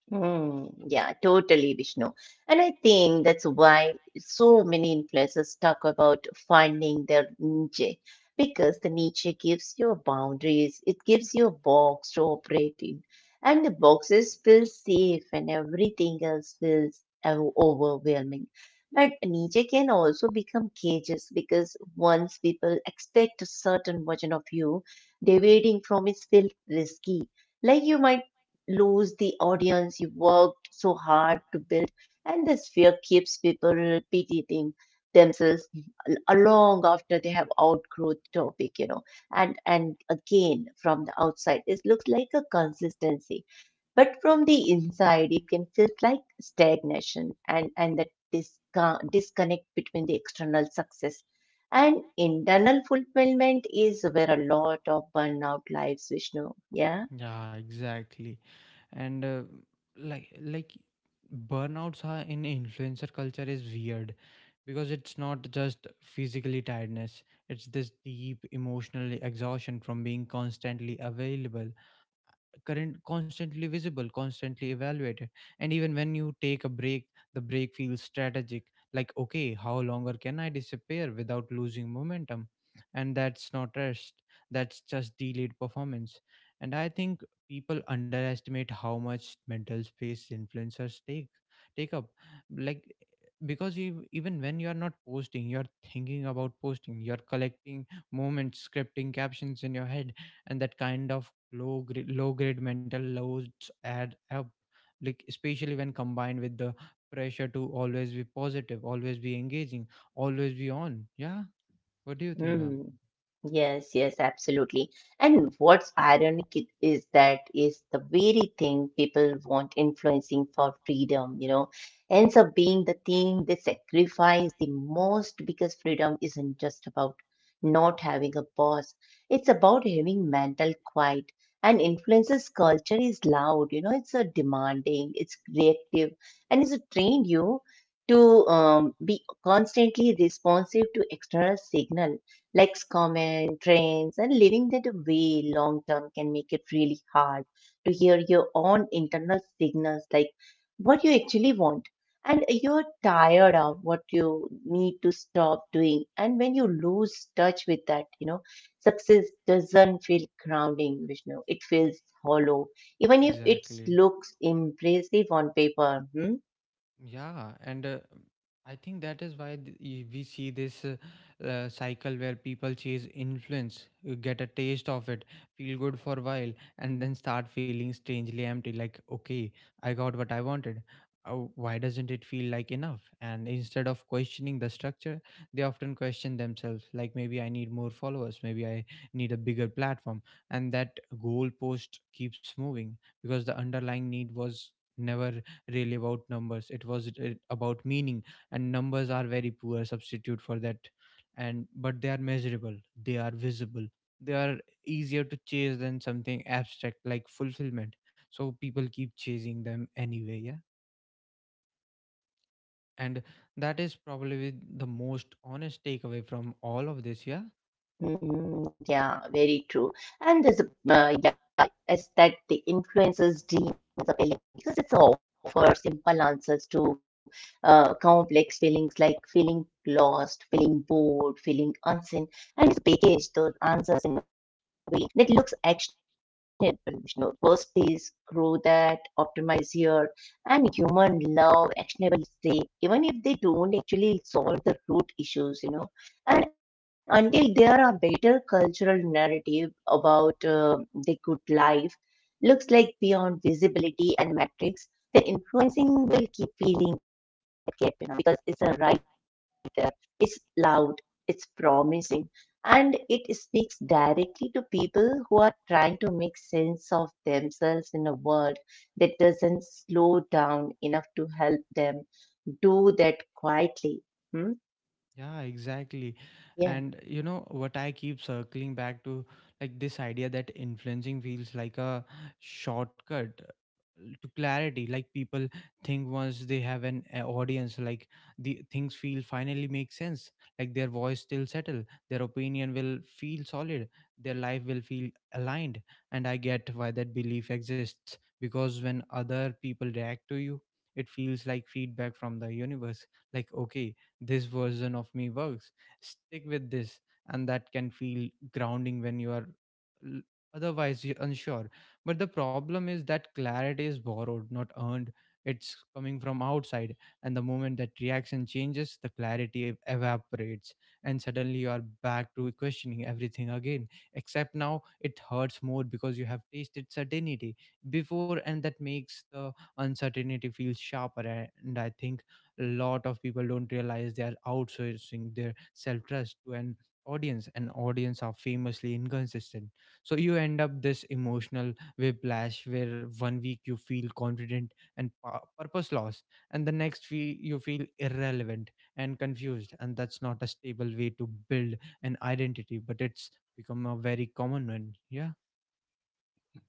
Speaker 2: Mm, yeah, totally, Vishnu. And I think that's why so many influencers talk about finding their niche because the niche gives you boundaries, it gives you a box to operate in, and the boxes feel safe and everything else feels overwhelming. But niche can also become cages because once people expect a certain version of you, deviating from it feels risky. Like you might lose the audience you worked so hard to build, and this fear keeps people repeating themselves long after they have outgrown the topic, And again, from the outside, it looks like a consistency, but from the inside, it can feel like stagnation. And that disconnect between the external success. And internal fulfillment is where a lot of burnout lives, Vishnu. Yeah.
Speaker 1: Yeah, exactly. And like like burnouts are in influencer culture is weird, because it's not just physically tiredness. It's this deep emotional exhaustion from being constantly available, current constantly visible, constantly evaluated. And even when you take a break, the break feels strategic, like, okay, how longer can I disappear without losing momentum? And that's not rest, that's just delayed performance. And I think people underestimate how much mental space influencers take up. Like, even when you are not posting, you are thinking about posting, you are collecting moments, scripting captions in your head. And that kind of low grade mental loads add up, like especially when combined with the pressure to always be positive, always be engaging, always be on. Yeah, what do you think, ma'am?
Speaker 2: Mm. Yes, yes, absolutely. And what's ironic is that is the very thing people want influencing for freedom, ends up being the thing they sacrifice the most because freedom isn't just about not having a boss. It's about having mental quiet. And influences culture is loud, you know, it's a demanding, it's reactive, and it's trained you to be constantly responsive to external signal. Likes, comments, trends, and living that way long term can make it really hard to hear your own internal signals like what you actually want. And you're tired of what you need to stop doing. And when you lose touch with that, you know, success doesn't feel grounding, Vishnu. It feels hollow, even if it
Speaker 1: Exactly.
Speaker 2: looks impressive on paper. Hmm?
Speaker 1: Yeah, and I think that is why we see this cycle where people chase influence, get a taste of it, feel good for a while, and then start feeling strangely empty. Like, okay, I got what I wanted. Why doesn't it feel like enough? And instead of questioning the structure, they often question themselves. Like, maybe I need more followers. Maybe I need a bigger platform. And that goalpost keeps moving, because the underlying need was never really about numbers. It was about meaning, and numbers are very poor substitute for that. And but they are measurable, they are visible, they are easier to chase than something abstract like fulfillment. So people keep chasing them anyway. Yeah, and that is probably the most honest takeaway from all of this. Yeah.
Speaker 2: Mm, yeah, very true. And uh, yeah, it's that the influencers dream is appealing because it's offers simple answers to complex feelings like feeling lost, feeling bored, feeling unseen, and it's packaged those answers in a way that looks actionable. You know, first is grow that, optimize here, and human love actionable stay, even if they don't actually solve the root issues, you know. And until there are better cultural narrative about the good life, looks like beyond visibility and metrics, the influencing will keep feeling that gap, you know, because it's a right there, it's loud, it's promising and it speaks directly to people who are trying to make sense of themselves in a world that doesn't slow down enough to help them do that quietly. Hmm?
Speaker 1: Yeah, exactly.
Speaker 2: Yeah.
Speaker 1: And you know what I keep circling back to, like this idea that influencing feels like a shortcut to clarity. Like, people think once they have an audience, like the things feel finally make sense, like their voice still settle, their opinion will feel solid, their life will feel aligned. And I get why that belief exists, because when other people react to you it feels like feedback from the universe. Like, okay, this version of me works, stick with this. And that can feel grounding when you are l- otherwise you're unsure. But the problem is that clarity is borrowed, not earned. It's coming from outside, and the moment that reaction changes, the clarity evaporates, and suddenly you are back to questioning everything again, except now it hurts more because you have tasted certainty before, and that makes the uncertainty feel sharper. And I think lot of people don't realize they are outsourcing their self trust to an audience, and audience are famously inconsistent. So you end up this emotional whiplash where one week you feel confident and purpose loss, and the next week you feel irrelevant and confused. And that's not a stable way to build an identity, but it's become a very common one. Yeah,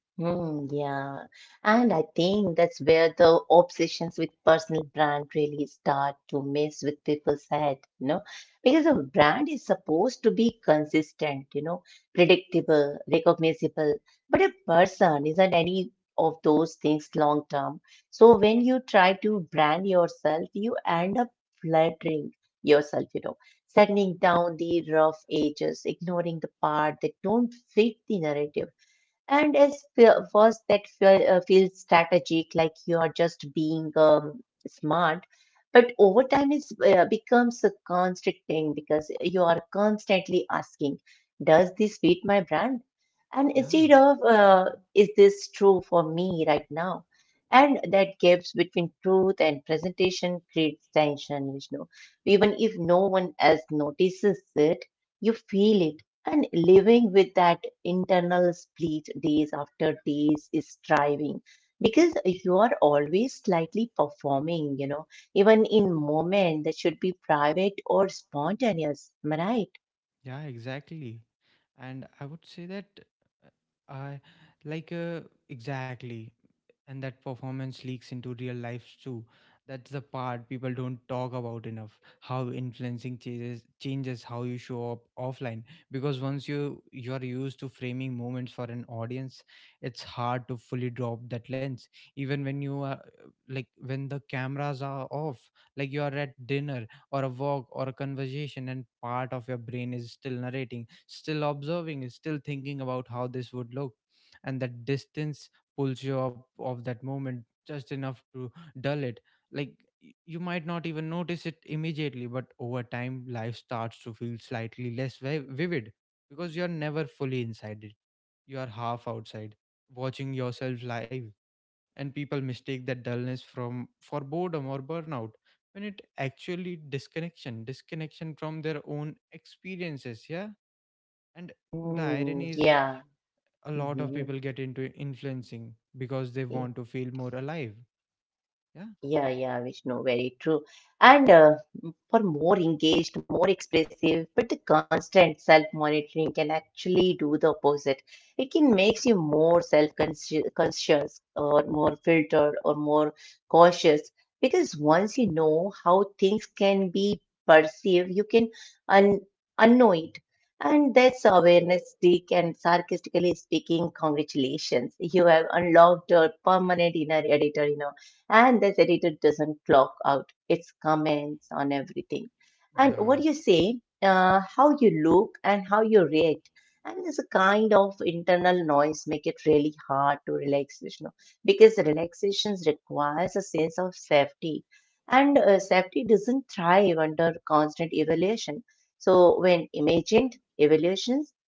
Speaker 2: Hmm. Yeah, and I think that's where the obsessions with personal brand really start to mess with people's head, you know, because a brand is supposed to be consistent, you know, predictable, recognizable, but a person isn't any of those things long term. So when you try to brand yourself, you end up flattering yourself, you know, setting down the rough edges, ignoring the part that don't fit the narrative and as first, that feel, feels strategic, like you're just being smart. But over time, it becomes a constricting because you are constantly asking, does this fit my brand? And
Speaker 1: yeah.
Speaker 2: instead of, is this true for me right now? And that gaps between truth and presentation creates tension, Vishnu. Even if no one else notices it, you feel it. And living with that internal split days after days is striving because you are always slightly performing, you know, even in moment that should be private or spontaneous. Am I right?
Speaker 1: Yeah, exactly. And I would say that I like exactly and that performance leaks into real life too. That's the part people don't talk about enough. How influencing changes how you show up offline. Because once you you're used to framing moments for an audience, it's hard to fully drop that lens. Even when you are like when the cameras are off, like you are at dinner or a walk or a conversation, and part of your brain is still narrating, still observing, is still thinking about how this would look. And that distance pulls you up of that moment just enough to dull it. Like, you might not even notice it immediately, but over time life starts to feel slightly less vivid, because you're never fully inside it, you are half outside watching yourself live. And people mistake that dullness from for boredom or burnout, when it actually disconnection, disconnection from their own experiences. Yeah. And the
Speaker 2: Mm,
Speaker 1: irony is,
Speaker 2: yeah.
Speaker 1: a lot of
Speaker 2: Hmm.
Speaker 1: people get into influencing because they want
Speaker 2: Yeah.
Speaker 1: to feel more alive. Yeah,
Speaker 2: Yeah, yeah, Vishnu, very true. And for more engaged, more expressive, but the constant self-monitoring can actually do the opposite. It can make you more self-conscious conscious or more filtered or more cautious because once you know how things can be perceived, you can un unknow it. And that's awareness, Dick, and sarcastically speaking, congratulations. You have unlocked a permanent inner editor in and this editor doesn't clock out its comments on everything and
Speaker 1: yeah.
Speaker 2: what you say, how you look and how you react, and there's a kind of internal noise make it really hard to relax, Vishnu, because relaxation requires a sense of safety and safety doesn't thrive under constant evaluation so when imagined evaluations.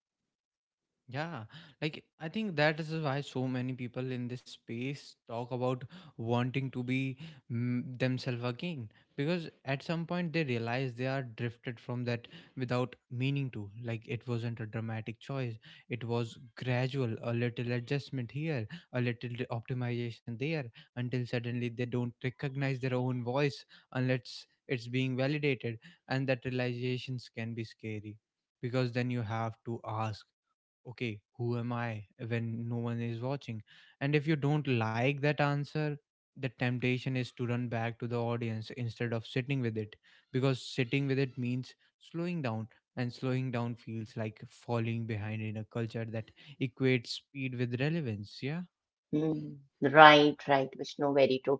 Speaker 1: Yeah, like I think that is why so many people in this space talk about wanting to be themselves again, because at some point they realize they are drifted from that without meaning to. Like, it wasn't a dramatic choice, it was gradual, a little adjustment here, a little optimization there, until suddenly they don't recognize their own voice unless it's being validated. And that realizations can be scary, because then you have to ask, okay, who am I when no one is watching? And if you don't like that answer, the temptation is to run back to the audience instead of sitting with it, because sitting with it means slowing down, and slowing down feels like falling behind in a culture that equates speed with relevance. Yeah.
Speaker 2: Mm, right, right, Vishnu, very true.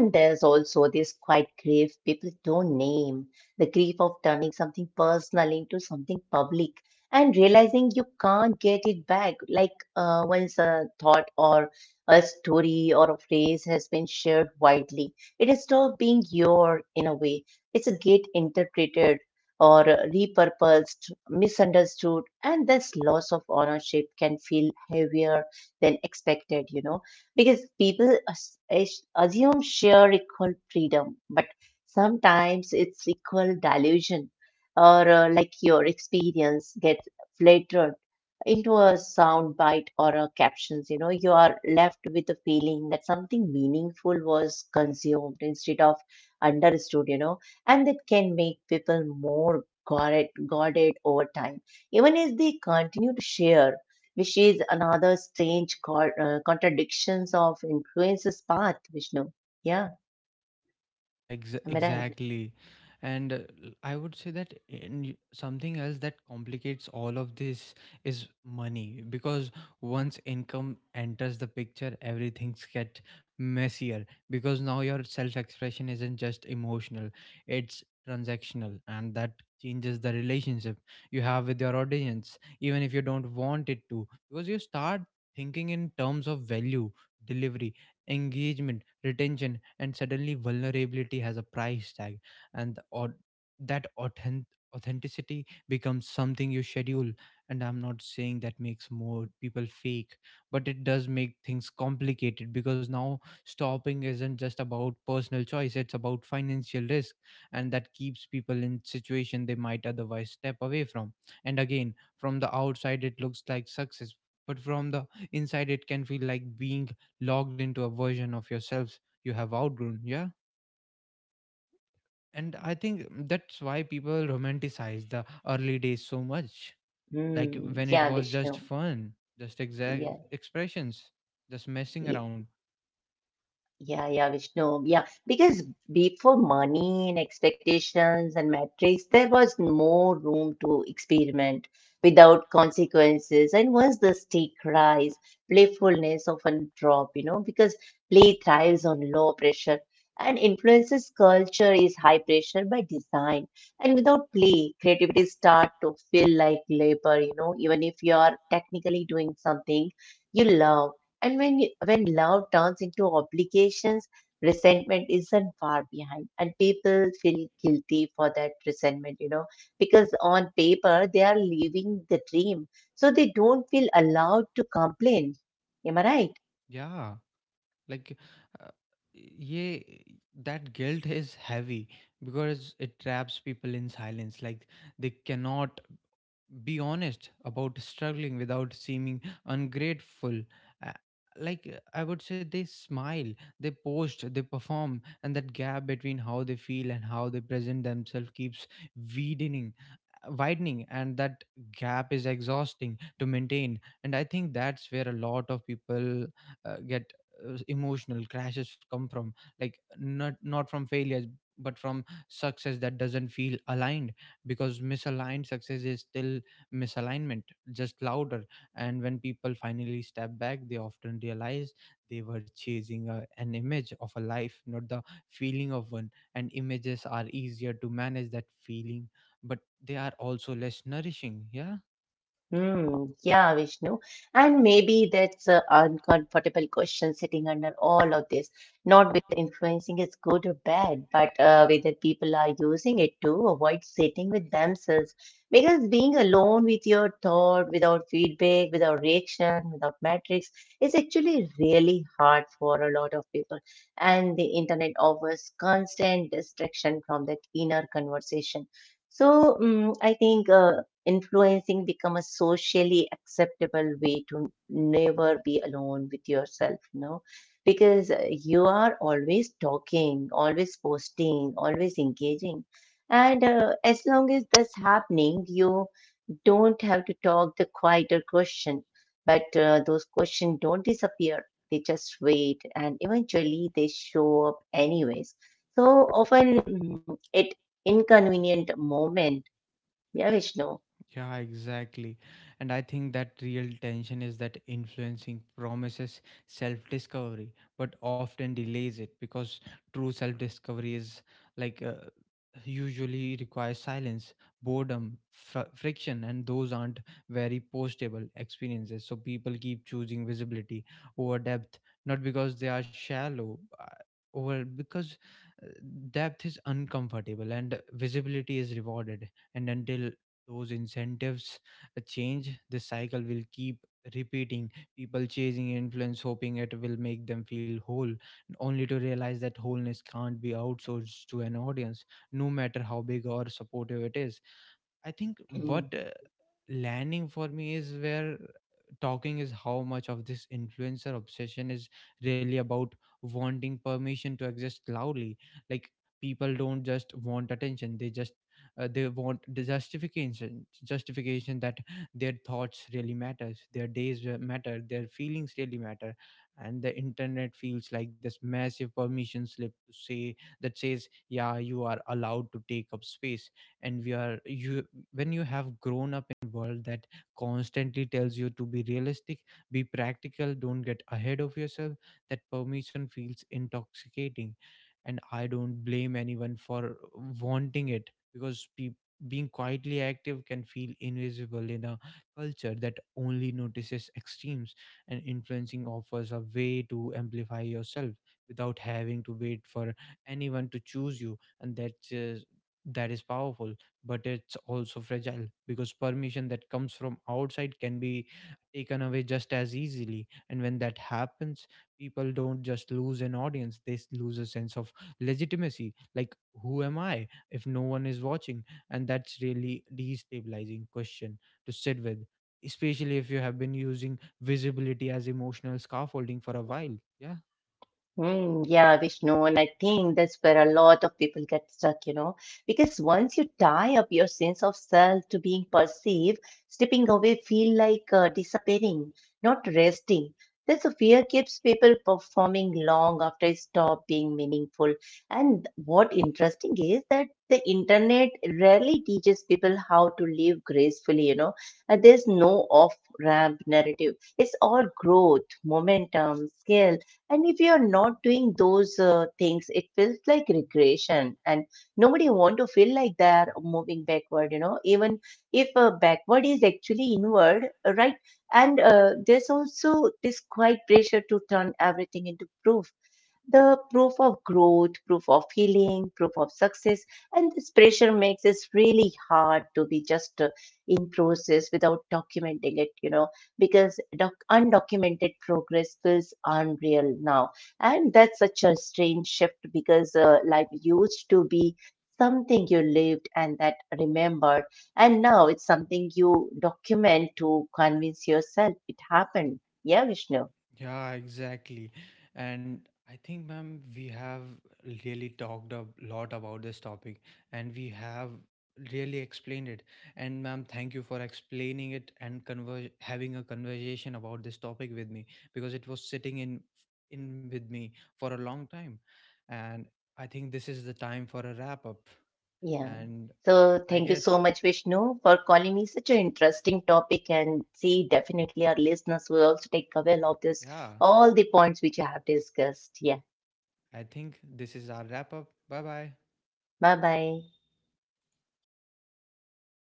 Speaker 2: And there's also this quiet grief people don't name, the grief of turning something personal into something public and realizing you can't get it back. Like once a thought or a story or a phrase has been shared widely, it is not being your in a way. It's a get interpreted or repurposed, misunderstood, and this loss of ownership can feel heavier than expected, you know, because people assume share equal freedom, but sometimes it's equal delusion, or like your experience gets flattered into a soundbite or a captions. You know, you are left with the feeling that something meaningful was consumed instead of understood. You know, and that can make people more guarded over time even as they continue to share which is another strange contradictions of influences path, Vishnu. Yeah,
Speaker 1: Ah,
Speaker 2: am I right?
Speaker 1: exactly. And I would say that something else that complicates all of this is money. Because once income enters the picture, everything gets messier, because now your self expression isn't just emotional, it's transactional, and that changes the relationship you have with your audience, even if you don't want it to, because you start thinking in terms of value, delivery, engagement, retention, and suddenly vulnerability has a price tag. And or that authenticity becomes something you schedule. And I'm not saying that makes more people fake, but it does make things complicated, because now stopping isn't just about personal choice, it's about financial risk. And that keeps people in situation they might otherwise step away from. And again, from the outside it looks like success, but from the inside it can feel like being logged into a version of yourselves you have outgrown. Yeah. And I think that's why people romanticize the early days so much, like
Speaker 2: Hmm.
Speaker 1: when it
Speaker 2: Yeah,
Speaker 1: was just
Speaker 2: Vishnu.
Speaker 1: fun, just exact
Speaker 2: Yeah.
Speaker 1: expressions, just messing around.
Speaker 2: Yeah, yeah, Vishnu. Yeah, because before money and expectations and metrics, there was more room to experiment without consequences. And once the stake rise, playfulness often drop, you know, because play thrives on low pressure and influences culture is high pressure by design. And without play, creativity start to feel like labor, you know, even if you are technically doing something you love. And when love turns into obligations, resentment isn't far behind, and people feel guilty for that resentment, you know, because on paper they are living the dream, so they don't feel allowed to complain. Am I right?
Speaker 1: Yeah. like uh, yeah, that guilt is heavy, because it traps people in silence. Like, they cannot be honest about struggling without seeming ungrateful. Uh, I would say they smile, they post, they perform. And that gap between how they feel and how they present themselves keeps widening widening. And that gap is exhausting to maintain. And I think that's where a lot of people get emotional crashes come from. Like, not from failures, but from success that doesn't feel aligned. Because misaligned success is still misalignment, just louder. And when people finally step back, they often realize they were chasing a, an image of a life, not the feeling of one. And images are easier to manage that feeling, but they are also less nourishing. Yeah.
Speaker 2: Hmm. Yeah, Vishnu. And maybe that's an uncomfortable question sitting under all of this. Not whether influencing is good or bad, but whether people are using it to avoid sitting with themselves. Because being alone with your thought, without feedback, without reaction, without metrics, is actually really hard for a lot of people. And the internet offers constant distraction from that inner conversation. So, I think influencing become a socially acceptable way to never be alone with yourself, you know, because you are always talking, always posting, always engaging, and as long as that's happening you don't have to talk the quieter question. But those questions don't disappear, they just wait and eventually they show up anyways, so often, mm, at inconvenient moment. Yeah, Vishnu.
Speaker 1: Yeah, exactly. And I think that real tension is that influencing promises self discovery, but often delays it, because true self discovery is like uh, usually requires silence, boredom, friction, and those aren't very postable experiences. So people keep choosing visibility over depth, not because they are shallow. Over Because uh, depth is uncomfortable and visibility is rewarded. And until those incentives change, the cycle will keep repeating. People chasing influence, hoping it will make them feel whole, only to realize that wholeness can't be outsourced to an audience, no matter how big or supportive it is. I think what landing for me is where talking is how much of this influencer obsession is really about wanting permission to exist loudly. Like, people don't just want attention; they just they want the justification that their thoughts really matters, their days matter, their feelings really matter. And the internet feels like this massive permission slip to say that says, "Yeah, you are allowed to take up space." And we are you, when you have grown up in world that constantly tells you to be realistic, be practical, don't get ahead of yourself, that permission feels intoxicating. And I don't blame anyone for wanting it, because being quietly active can feel invisible in a culture that only notices extremes. And influencing offers a way to amplify yourself without having to wait for anyone to choose you. And that's that is powerful, but it's also fragile, because permission that comes from outside can be taken away just as easily. And when that happens, people don't just lose an audience, they lose a sense of legitimacy. Like, who am I if no one is watching? And that's really destabilizing question to sit with, especially if you have been using visibility as emotional scaffolding for a while. Yeah.
Speaker 2: Mm, yeah, Vishnu, and I think that's where a lot of people get stuck, you know, because once you tie up your sense of self to being perceived, stepping away feel like disappearing, not resting. That's a fear keeps people performing long after it stop being meaningful. And what interesting is that the internet rarely teaches people how to live gracefully, you know, and there's no off-ramp narrative. It's all growth, momentum, skill and if you're not doing those things, it feels like regression, and nobody want to feel like they're moving backward. You know, even if backward is actually inward, right? And there's also this quiet pressure to turn everything into proof, the proof of growth, proof of healing, proof of success. And this pressure makes it really hard to be just in process without documenting it, you know, because undocumented progress feels unreal now. And that's such a strange shift because life used to be something you lived and that remembered. And now it's something you document to convince yourself it happened. Yeah, Vishnu.
Speaker 1: Yeah, exactly. And I think, ma'am, we have really talked a lot about this topic, and we have really explained it. And, ma'am, thank you for explaining it and having a conversation about this topic with me, because it was sitting in with me for a long time. And I think this is the time for a wrap up.
Speaker 2: Yeah.
Speaker 1: And
Speaker 2: So
Speaker 1: I
Speaker 2: thank you
Speaker 1: guess,
Speaker 2: so much, Vishnu, for calling me such an interesting topic. And see, definitely our listeners will also take away of this
Speaker 1: yeah,
Speaker 2: all the points which I have discussed. Yeah.
Speaker 1: I think this is our wrap up. Bye bye.
Speaker 2: Bye bye.